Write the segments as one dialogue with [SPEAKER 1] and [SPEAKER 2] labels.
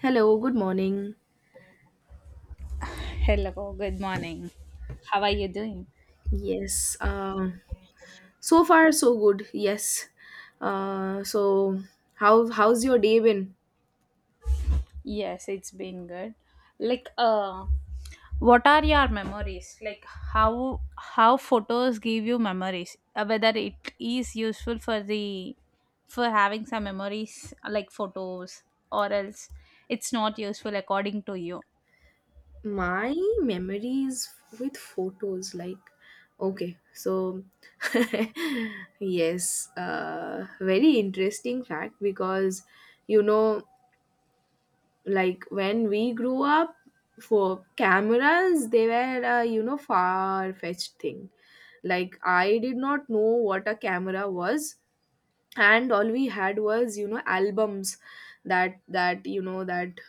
[SPEAKER 1] Hello, good morning.
[SPEAKER 2] Hello, good morning. How are you doing?
[SPEAKER 1] Yes, uh, so far so good. Yes. So how's your day been?
[SPEAKER 2] Yes, it's been good. Like, what are your memories? Like, how photos give you memories? Whether it is useful for the for having some memories, like photos, or else it's not useful according to you.
[SPEAKER 1] My memories with photos, like okay, so yes, very interesting fact because you know, like when we grew up, for cameras they were a far fetched thing. Like I did not know what a camera was and all we had was albums that that you know that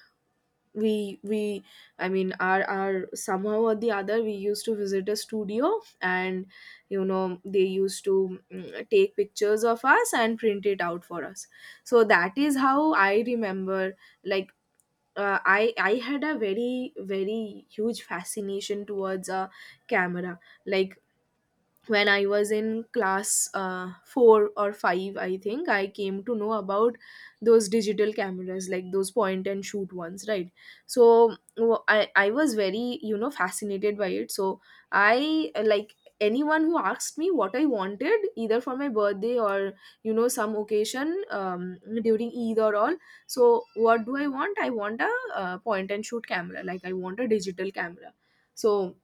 [SPEAKER 1] we I mean our somehow or the other we used to visit a studio and you know they used to take pictures of us and print it out for us. So that is how I remember. Like uh, i i had a very huge fascination towards a camera. Like when I was in class four or five, I think I came to know about those digital cameras, like those point and shoot ones, right? So I was very, fascinated by it. So I like anyone who asked me what I wanted, either for my birthday, or some occasion during Eid or all. So what do I want? I want a point and shoot camera, like I want a digital camera. So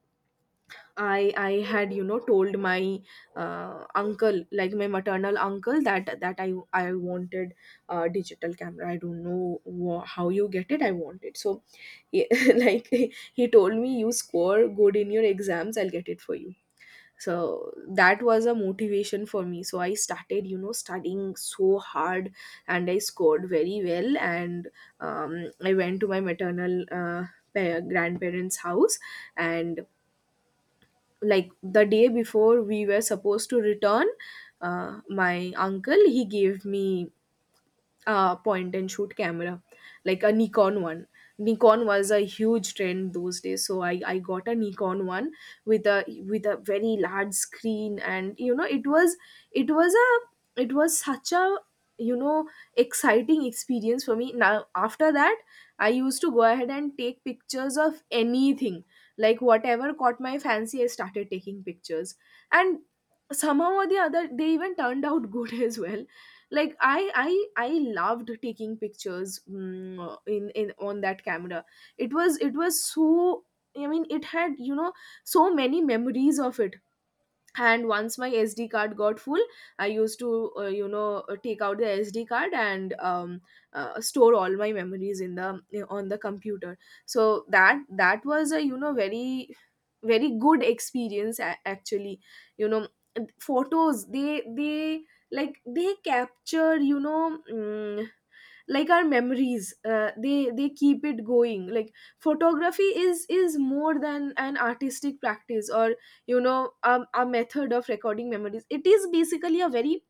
[SPEAKER 1] I had you know told my uncle, like my maternal uncle, that I wanted a digital camera. I don't know how you get it, I want it. So he, like he told me, you score good in your exams I'll get it for you. So that was a motivation for me, so I started you know studying so hard, and I scored very well. And I went to my maternal grandparents house, and like the day before we were supposed to return, my uncle, he gave me point and shoot camera, like a Nikon one. Nikon was a huge trend those days, so I got a Nikon one with a very large screen, and you know it was such a you know exciting experience for me. Now after that, I used to go ahead and take pictures of anything, like whatever caught my fancy. I started taking pictures, and somehow or the other they even turned out good as well. Like i i i loved taking pictures in on that camera. It was so, I mean it had you know so many memories of it. And once my SD card got full, I used to take out the SD card and store all my memories in the on the computer. So that was a you know very very good experience, actually. You know photos, they like they capture you know like our memories. They keep it going. Like photography is more than an artistic practice or you know a method of recording memories. It is basically a very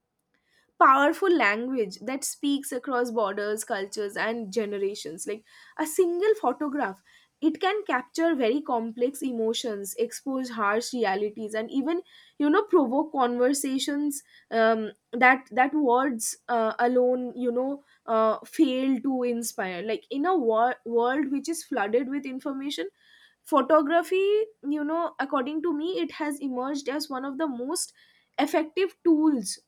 [SPEAKER 1] powerful language that speaks across borders, cultures and generations. Like a single photograph, it can capture very complex emotions, expose harsh realities and even you know provoke conversations that words alone fail to inspire. Like in a world which is flooded with information, photography, you know according to me, it has emerged as one of the most effective tools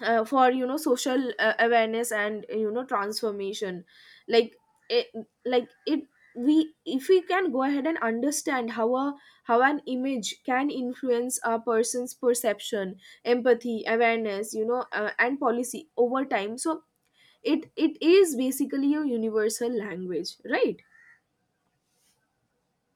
[SPEAKER 1] for you know social awareness and you know transformation. Like it, like it we if we can go ahead and understand how a how an image can influence a person's perception, empathy, awareness, and policy over time, so it is basically a universal language, right?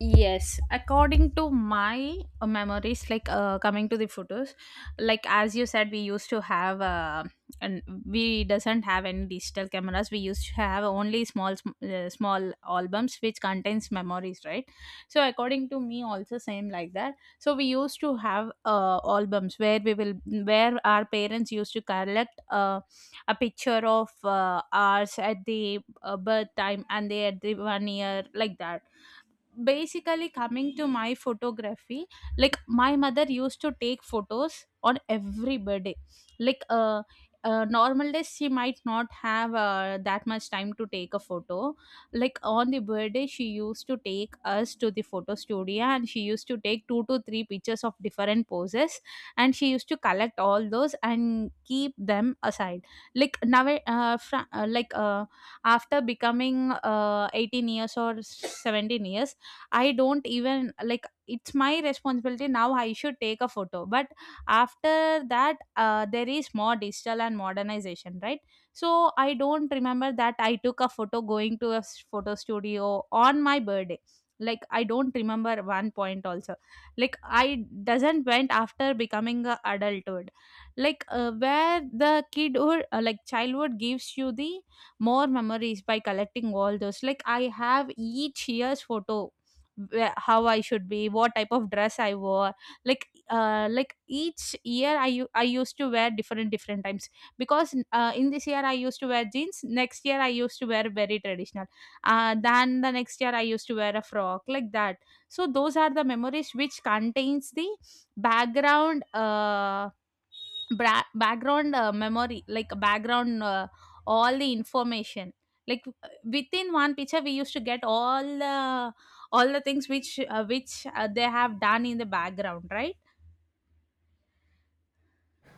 [SPEAKER 2] Yes, according to my memories, like coming to the photos, like as you said, we used to have, and we doesn't have any digital cameras. We used to have only small, small albums which contains memories, right? So according to me, also same like that. So we used to have albums where we will, where our parents used to collect a picture of ours at the birth time and they at the 1 year, like that. Basically coming to my photography, like my mother used to take photos on every birthday. Like uh, uh normal days, she might not have that much time to take a photo. Like on the birthday, she used to take us to the photo studio and she used to take two to three pictures of different poses, and she used to collect all those and keep them aside. Like now after becoming 18 years or 17 years, I don't even like, it's my responsibility now, I should take a photo. But after that, there is more digital and modernization, right? So I don't remember that I took a photo going to a photo studio on my birthday. Like I don't remember one point also. Like I doesn't went after becoming a adulthood. Like where the kidhood like childhood gives you the more memories by collecting all those. Like I have each year's photo, where, how I should be, what type of dress I wore. Like each year I I used to wear different different times, because in this year I used to wear jeans. Next year I used to wear very traditional. Then the next year I used to wear a frock, like that. So those are the memories which contains the background. Background memory, like background all the information, like within one picture we used to get all the things which they have done in the background, right?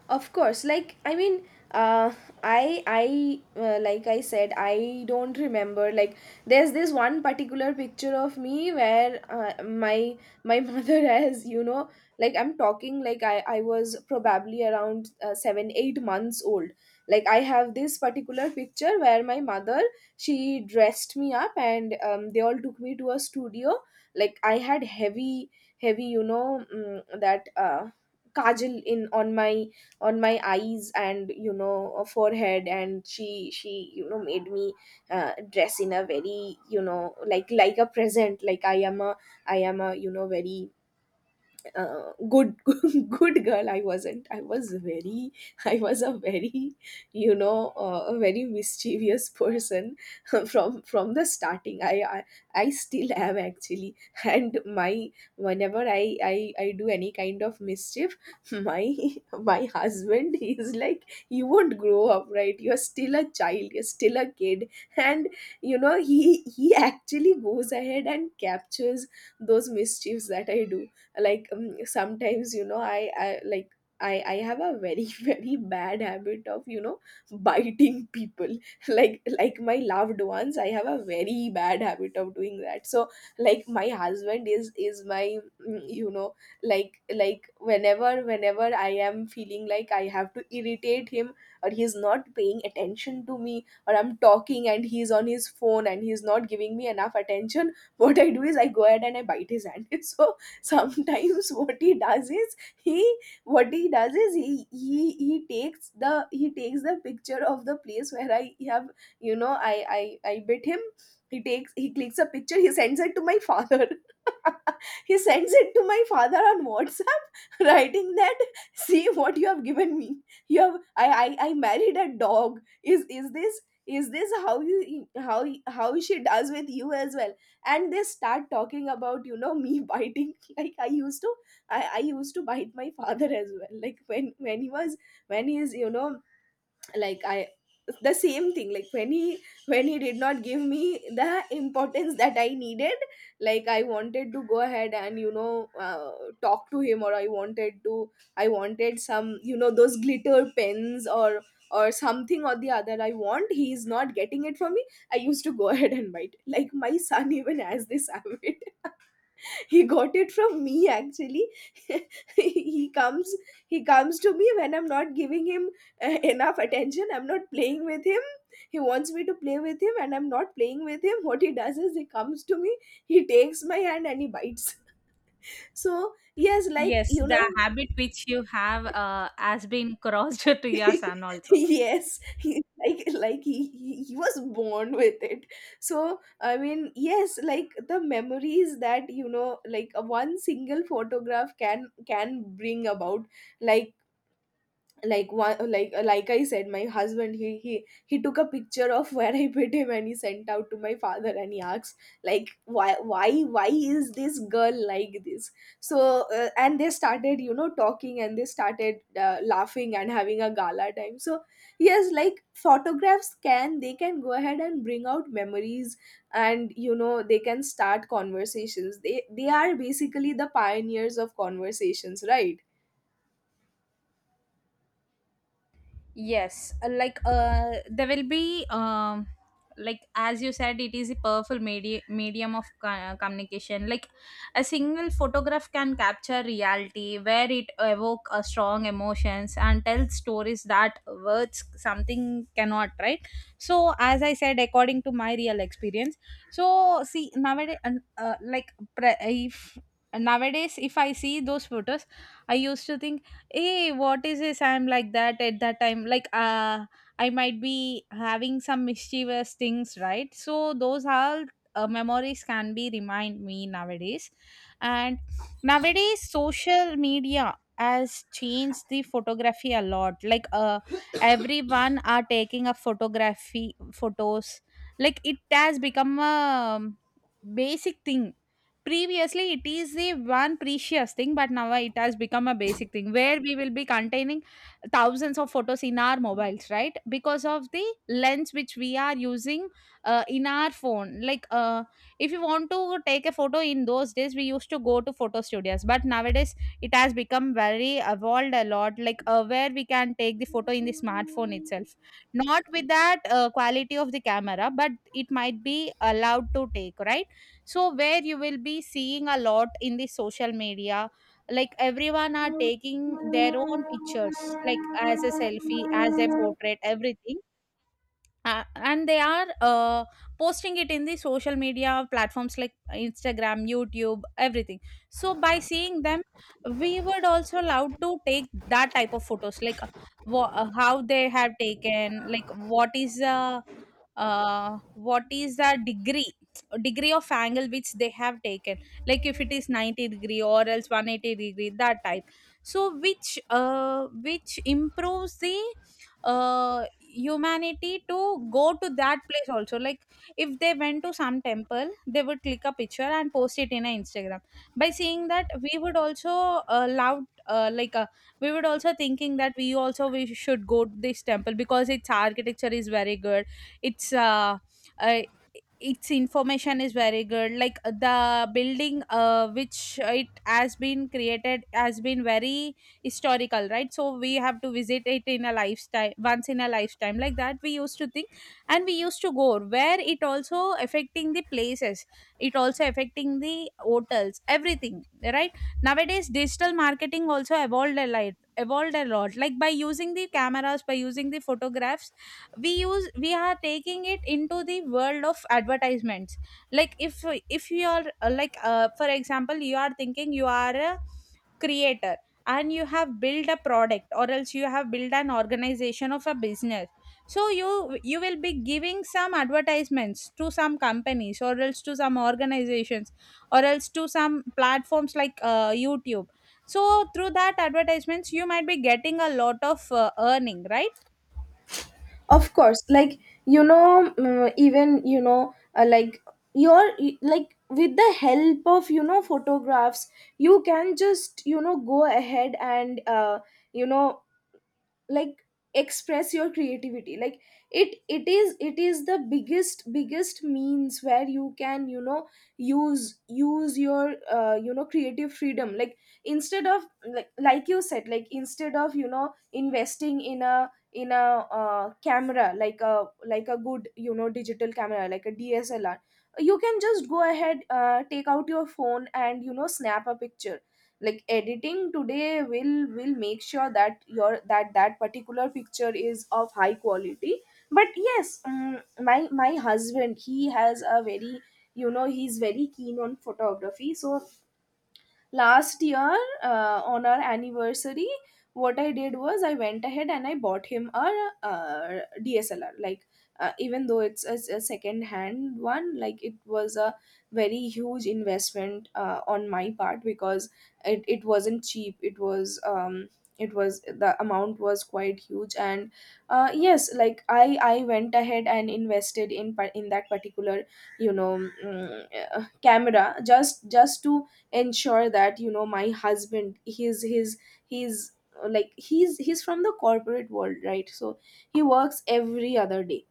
[SPEAKER 1] Of course, like I mean, uh I like I said, I don't remember, like there's this one particular picture of me where my mother has you know, like I'm talking, like I was probably around 7 8 months old. Like I have this particular picture where my mother, she dressed me up, and they all took me to a studio. Like I had heavy heavy, you know, mm, that kajal in on my eyes and you know forehead. And she you know made me dress in a very, you know, like a present, like I am a you know very good good girl. I wasn't, I was very I was a very you know a very mischievous person from the starting. I I still am actually. And my, whenever I do any kind of mischief, my my husband he is like, you won't grow up, right? You're still a child, you're still a kid. And you know he actually goes ahead and captures those mischiefs that I do. Like sometimes, you know, I have a very very bad habit of you know biting people, like my loved ones. I have a very bad habit of doing that. So like my husband is my you know, like whenever I am feeling like I have to irritate him, or he's not paying attention to me, or I'm talking and he's on his phone and he's not giving me enough attention, what I do is I go ahead and I bite his hand. So sometimes what he does is he, what he does is he takes the picture of the place where I have you know I bit him. He takes, he clicks a picture, he sends it to my father. He sends it to my father on WhatsApp writing that, see what you have given me. You have I married a dog. Is is this is this how you, how she does with you as well? And they start talking about you know me biting. Like I used to, I used to bite my father as well. Like when he was, when he is you know, like I the same thing. Like when he, when he did not give me the importance that I needed, like I wanted to go ahead and talk to him, or I wanted to, I wanted some you know those glitter pens, or something or the other I want, he's not getting it for me. I used to go ahead and bite. Like my son even has this habit, he got it from me actually. He comes, he comes to me when I'm not giving him enough attention, I'm not playing with him. He wants me to play with him and I'm not playing with him. What he does is he comes to me, he takes my hand and he bites. So yes, like
[SPEAKER 2] Yes,
[SPEAKER 1] you
[SPEAKER 2] the
[SPEAKER 1] know,
[SPEAKER 2] habit which you have has been crossed to your son also.
[SPEAKER 1] yes he, like he was born with it. So I mean, yes, like the memories that you know, like a one single photograph can bring about, like like one like I said, my husband, he took a picture of where I put him and he sent out to my father and he asked, like why is this girl like this? So and they started you know talking, and they started laughing and having a gala time. So yes, like photographs can, they can go ahead and bring out memories. And you know they can start conversations, they are basically the pioneers of conversations, right?
[SPEAKER 2] Yes, there will be like as you said, it is a powerful media medium of communication. Like a single photograph can capture reality, where it evoke a strong emotions and tell stories that words something cannot. Right. So as I said, according to my real experience, so see nowadays, like pre- if nowadays if I see those photos, I used to think, hey, what is this, I'm like that at that time. Like I might be having some mischievous things, right? So those all memories can be remind me nowadays. And nowadays social media has changed the photography a lot. Like everyone are taking a photography photos. Like it has become a basic thing. Previously, it is the one precious thing, but now it has become a basic thing where we will be containing thousands of photos in our mobiles, right? Because of the lens which we are using in our phone. Like, if you want to take a photo in those days, we used to go to photo studios, but nowadays it has become very evolved a lot, like where we can take the photo in the smartphone itself. Not with that quality of the camera, but it might be allowed to take, right? So where you will be seeing a lot in the social media, like everyone are taking their own pictures, like as a selfie, as a portrait, everything. And they are posting it in the social media platforms like Instagram, YouTube, everything. So by seeing them, we would also love to take that type of photos. Like how they have taken, like what is uh, what is the degree of angle which they have taken, like if it is 90 degree or else 180 degree, that type. So which improves the humanity to go to that place also. Like if they went to some temple, they would click a picture and post it in a Instagram. By seeing that, we would also love like we would also thinking that we also we should go to this temple because its architecture is very good. It's uh its information is very good. Like the building which it has been created has been very historical, right? So we have to visit it in a lifetime, once in a lifetime, like that we used to think, and we used to go. Where it also affecting the places, it also affecting the hotels, everything, right? Nowadays digital marketing also evolved a lot, like by using the cameras, by using the photographs, we are taking it into the world of advertisements. Like if you are for example, you are thinking you are a creator and you have built a product, or else you have built an organization of a business. So you will be giving some advertisements to some companies, or else to some organizations, or else to some platforms like YouTube. So through that advertisements, you might be getting a lot of earning, right?
[SPEAKER 1] Of course, like you know, even you know, like like with the help of you know photographs, you can just you know go ahead and you know like express your creativity. Like it is the biggest biggest means where you can you know use your you know creative freedom. Like instead of, like you said, like instead of you know investing in a camera, like a good, you know, digital camera, like a DSLR, you can just go ahead, take out your phone and you know snap a picture. Like editing today will make sure that your that particular picture is of high quality. But yes, my my husband, he has a very you know, he's very keen on photography. So last year, on our anniversary, what I did was I went ahead and I bought him a uh, DSLR, like even though it's a second hand one, like it was a very huge investment on my part, because it wasn't cheap. It was, the amount was quite huge. And yes, like I went ahead and invested in in that particular, you know, camera. Just to ensure that my husband he's like he's from the corporate world, right? So he works every other day.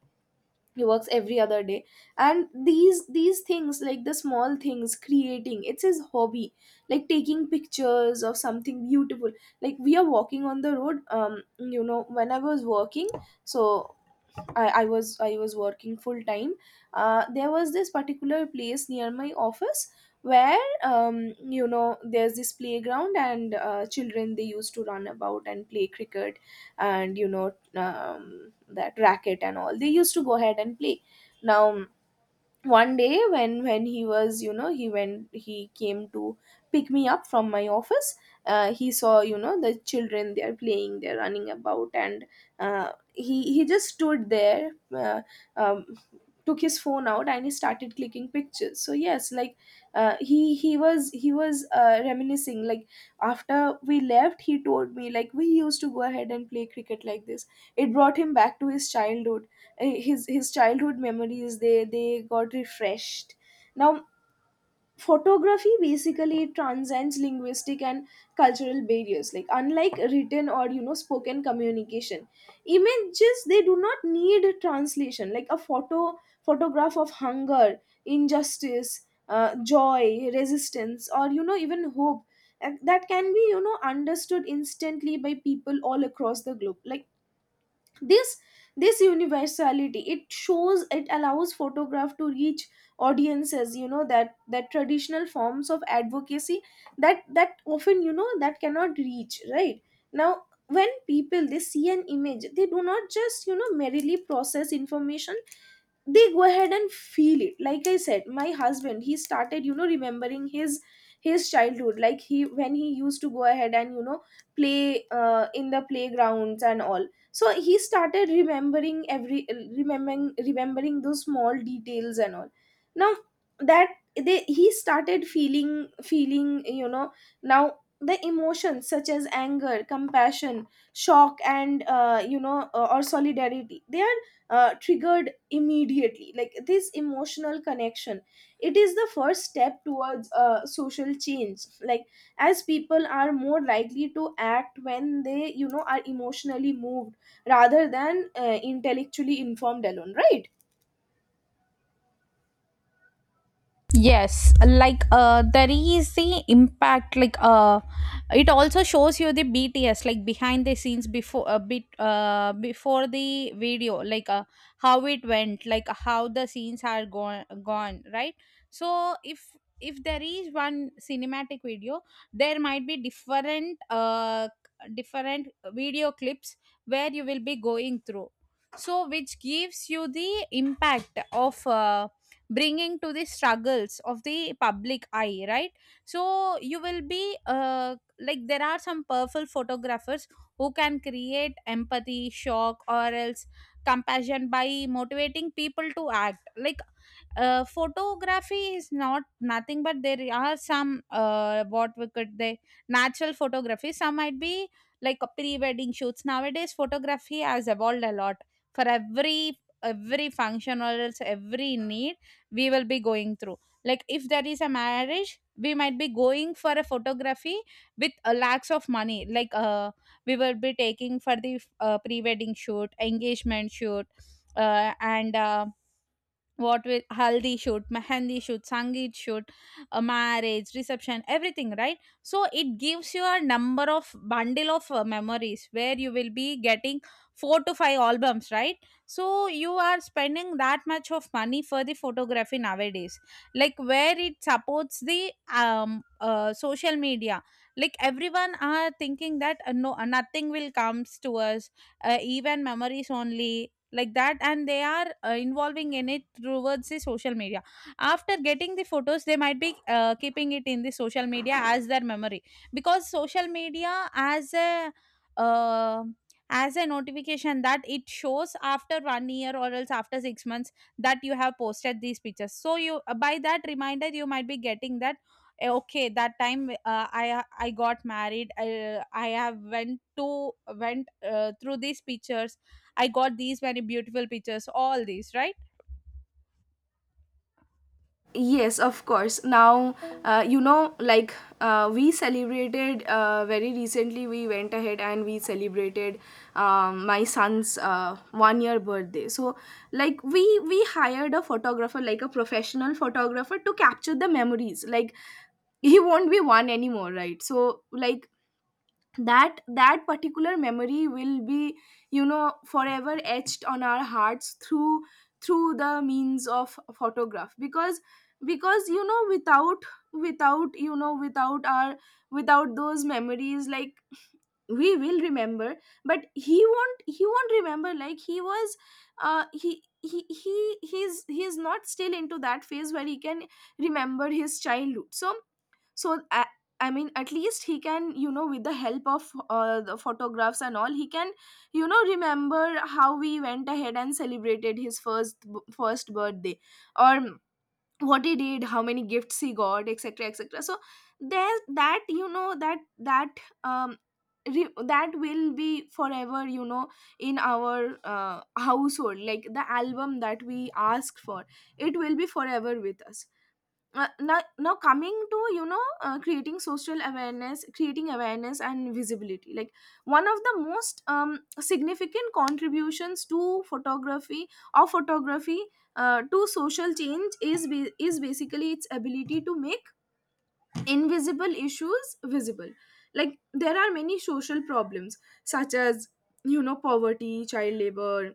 [SPEAKER 1] He works every other day. And these things, like the small things creating, it's his hobby, like taking pictures of something beautiful, like we are walking on the road. When I was working, so I was working full time. There was this particular place near my office where, there's this playground and children, they used to run about and play cricket and that racket and all. They used to go ahead and play. Now, one day when he was, he went, he came to pick me up from my office. He saw, the children, they are playing, they're running about, and he just stood there. uh, um, Took his phone out and he started clicking pictures. So yes, like he was reminiscing. Like after we left, he told me, like we used to go ahead and play cricket like this. It brought him back to his childhood. His childhood memories, they got refreshed. Now, photography basically transcends linguistic and cultural barriers, like unlike written or spoken communication. Images, they do not need translation, like a photograph of hunger, injustice, joy, resistance, or, even hope. And that can be, understood instantly by people all across the globe. Like this this universality, it shows, it allows photograph to reach audiences, that traditional forms of advocacy, that often, that cannot reach, right? Now, when people, they see an image, they do not just, merely process information, they go ahead and feel it. Like I said, my husband, he started, remembering his childhood, like he, when he used to go ahead and, play in the playgrounds and all. So he started remembering every, remembering those small details and all. Now, that, they he started feeling. Now, the emotions such as anger, compassion, shock, and or solidarity, they are triggered immediately. Like this emotional connection, it is the first step towards social change. Like as people are more likely to act when they, are emotionally moved rather than intellectually informed alone, right?
[SPEAKER 2] Yes, like there is the impact. Like it also shows you the BTS, like behind the scenes before a bit before the video, like how it went, like how the scenes are gone, right? So if there is one cinematic video, there might be different video clips where you will be going through. So which gives you the impact of bringing to the struggles of the public eye, right? So you will be like there are some powerful photographers who can create empathy, shock, or else compassion by motivating people to act. Like photography is not nothing, but there are some what we could they natural photography, some might be like a pre-wedding shoots. Nowadays photography has evolved a lot. For every function or else every need, we will be going through. Like if there is a marriage, we might be going for a photography with a lakhs of money. Like we will be taking for the pre-wedding shoot, engagement shoot, and what with haldi shoot, mehendi shoot, sangeet shoot, a marriage reception, everything, right? So it gives you a number of bundle of memories where you will be getting four to five albums, right? So you are spending that much of money for the photography nowadays, like where it supports the social media. Like everyone are thinking that nothing will comes to us, even memories only, like that. And they are involving in it towards the social media. After getting the photos, they might be keeping it in the social media as their memory, because social media uh, as a notification that it shows after 1 year or else after 6 months, that you have posted these pictures. So you by that reminder, you might be getting that, eh, okay, that time I got married, I have went through these pictures. I got these many beautiful pictures, all these, right?
[SPEAKER 1] Yes, of course. Now, like, we celebrated, very recently, we went ahead and we celebrated my son's 1 year birthday. So like, we hired a photographer, like a professional photographer, to capture the memories. Like he won't be one anymore, right? So like, that particular memory will be, forever etched on our hearts through the means of photograph. Because without without you know without our without those memories, like we will remember, but he won't remember. Like he was, he's not still into that phase where he can remember his childhood. So so I mean at least he can, with the help of the photographs and all, he can, remember how we went ahead and celebrated his first birthday, or what he did, how many gifts he got, etc, etc. So there's that, that um that will be forever, in our household, like the album that we asked for, it will be forever with us. Now coming to, creating social awareness, creating awareness and visibility. Like one of the most significant contributions to photography or photography to social change is is basically its ability to make invisible issues visible. Like there are many social problems such as, poverty, child labor,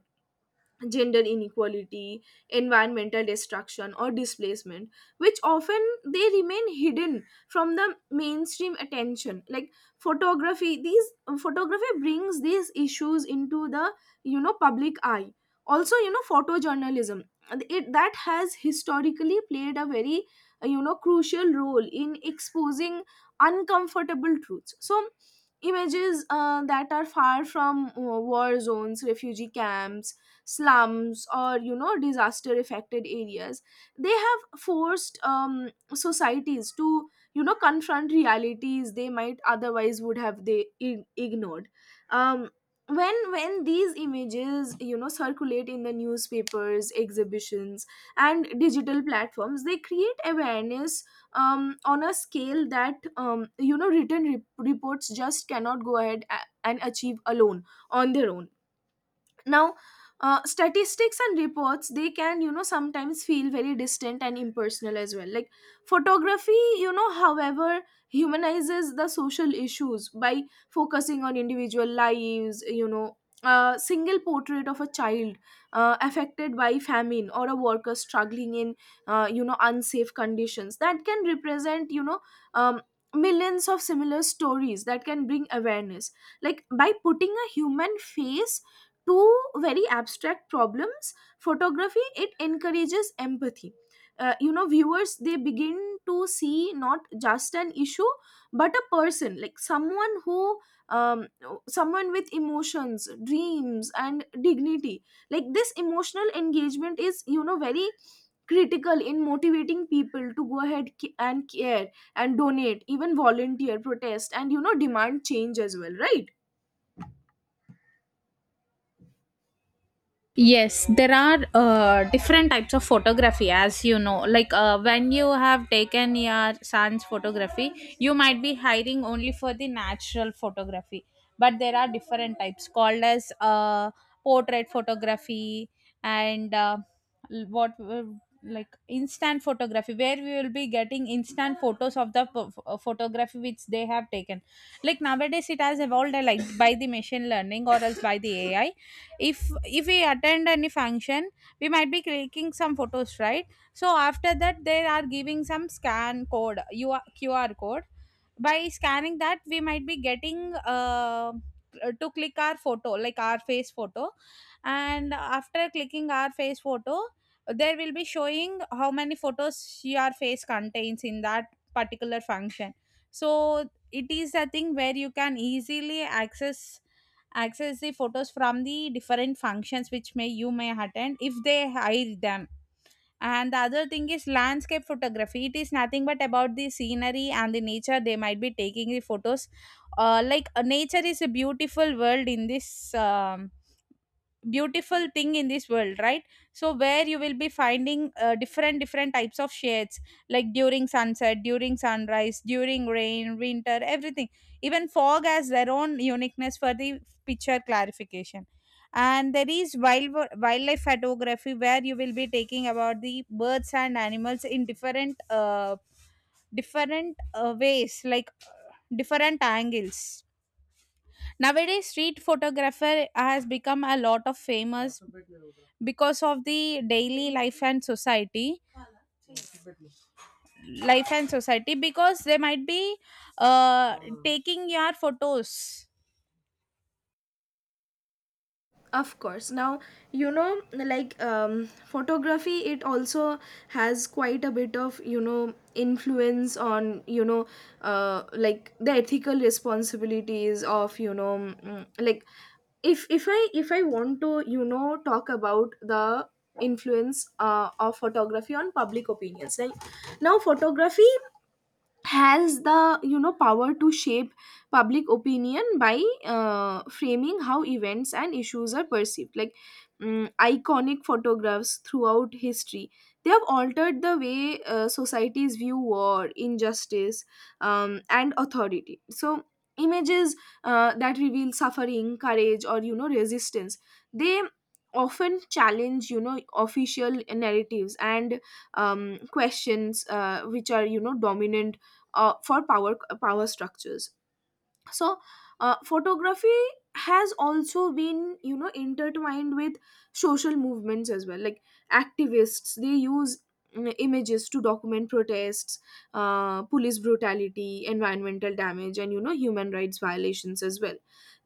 [SPEAKER 1] gender inequality, environmental destruction, or displacement, which often they remain hidden from the mainstream attention. Like photography, these photography brings these issues into the, public eye. Also, photojournalism, it that has historically played a very crucial role in exposing uncomfortable truths. So images that are far from war zones, refugee camps, slums, or, disaster affected areas, they have forced societies to, confront realities they might otherwise would have, they ignored. um, when these images, circulate in the newspapers, exhibitions, and digital platforms, they create awareness on a scale that, written reports just cannot go ahead and achieve alone, on their own. Now, statistics and reports, they can, sometimes feel very distant and impersonal as well. Like photography, however, humanizes the social issues by focusing on individual lives. A single portrait of a child affected by famine, or a worker struggling in unsafe conditions, that can represent, um, millions of similar stories, that can bring awareness. Like by putting a human face two very abstract problems, photography, it encourages empathy. You know, viewers, they begin to see not just an issue, but a person, like someone who, um, someone with emotions, dreams, and dignity. Like this emotional engagement is, very critical in motivating people to go ahead and care, and donate, even volunteer, protest, and, demand change as well, right?
[SPEAKER 2] Yes, there are different types of photography, as you know. Like when you have taken your son's photography, you might be hiring only for the natural photography. But there are different types called as portrait photography and l- what w- like instant photography, where we will be getting instant photos of the photography which they have taken. Like nowadays, it has evolved like by the machine learning or else by the AI. If we attend any function, we might be clicking some photos, right? So after that, they are giving some scan code, QR code. By scanning that, we might be getting to click our photo, like our face photo. And after clicking our face photo, there will be showing how many photos your face contains in that particular function. So it is a thing where you can easily access the photos from the different functions which may you may attend, if they hide them. And the other thing is landscape photography. It is nothing but about the scenery and the nature. They might be taking the photos. Nature is a beautiful world in this beautiful thing in this world, right? So where you will be finding different different types of shades, like during sunset, during sunrise, during rain, winter, everything. Even fog has their own uniqueness for the picture clarification. And there is wildlife photography, where you will be taking about the birds and animals in different ways, like different angles. Nowadays street photographer has become a lot of famous because of the daily life and society life and society, because they might be uh, taking your photos.
[SPEAKER 1] Of course. Now, like, photography, it also has quite a bit of, influence on, like the ethical responsibilities of, like, if I want to, talk about the influence of photography on public opinions. Like now photography has the, power to shape public opinion by framing how events and issues are perceived. Like iconic photographs throughout history, they have altered the way societies view war, injustice, and authority. So images that reveal suffering, courage, or, resistance, they often challenge, official narratives and questions which are, dominant for power structures. So photography has also been, intertwined with social movements as well. Like activists, they use, images to document protests, police brutality, environmental damage, and, human rights violations as well.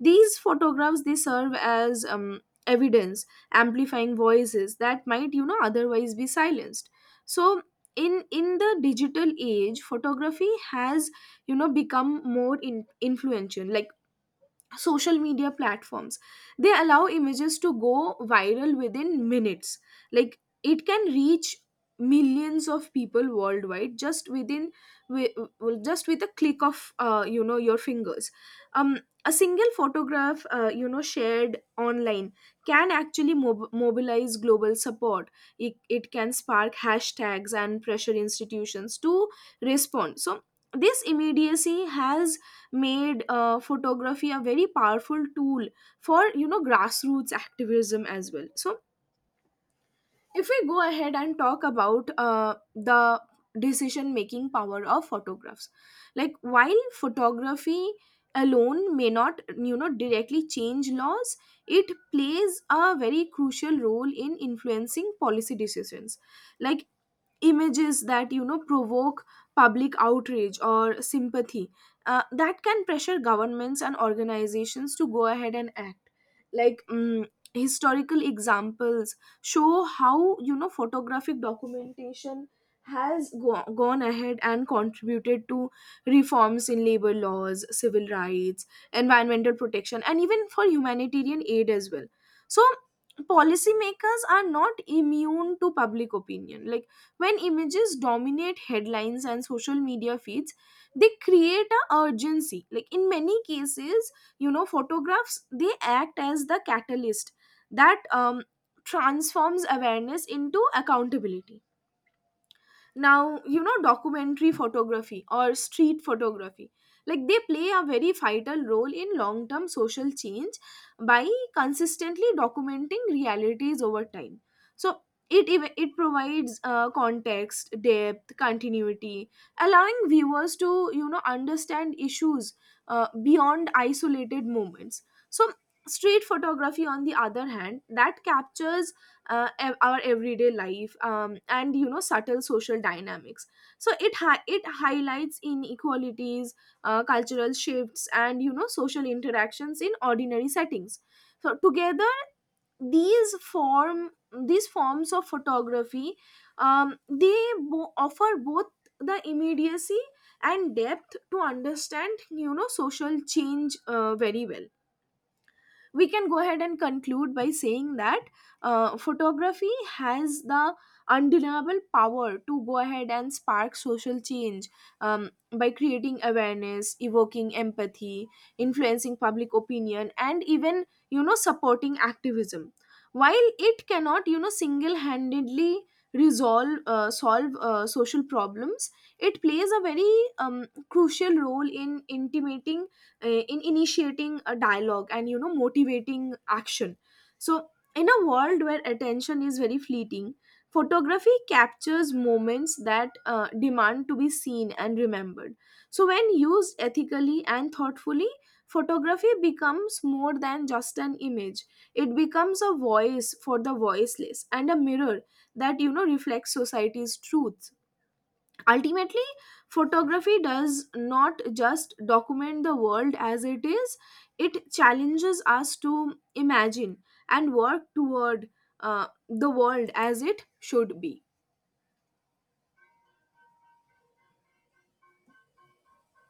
[SPEAKER 1] These photographs, they serve as, evidence, amplifying voices that might, otherwise be silenced. So in the digital age, photography has, become more influential. Like social media platforms, they allow images to go viral within minutes. Like it can reach millions of people worldwide just within, wi- just with a click of, your fingers. um a single photograph, shared online, can actually mobilize global support. It can spark hashtags and pressure institutions to respond. So this immediacy has made photography a very powerful tool for, grassroots activism as well. So if we go ahead and talk about the decision making power of photographs, like while photography alone may not, directly change laws, it plays a very crucial role in influencing policy decisions. Like images that, provoke public outrage or sympathy, that can pressure governments and organizations to go ahead and act. Like historical examples show how, photographic documentation has gone ahead and contributed to reforms in labor laws, civil rights, environmental protection, and even for humanitarian aid as well. So policymakers are not immune to public opinion. Like when images dominate headlines and social media feeds, they create a urgency. Like in many cases, photographs, they act as the catalyst that transforms awareness into accountability. Now, documentary photography or street photography, like they play a very vital role in long term social change by consistently documenting realities over time. So it provides context, depth, continuity, allowing viewers to, understand issues beyond isolated moments. So street photography, on the other hand, that captures our everyday life, and, subtle social dynamics. So it highlights inequalities, cultural shifts, and, social interactions in ordinary settings. So together, these form these forms of photography, um, they offer both the immediacy and depth to understand, social change, very well. We can go ahead and conclude by saying that photography has the undeniable power to go ahead and spark social change by creating awareness, evoking empathy, influencing public opinion, and even, supporting activism. While it cannot, single-handedly resolve solve social problems, it plays a very crucial role in intimating, in initiating a dialogue and, motivating action. So in a world where attention is very fleeting, photography captures moments that demand to be seen and remembered. So when used ethically and thoughtfully, photography becomes more than just an image, it becomes a voice for the voiceless and a mirror that, reflects society's truth. Ultimately, photography does not just document the world as it is, it challenges us to imagine and work toward the world as it should be.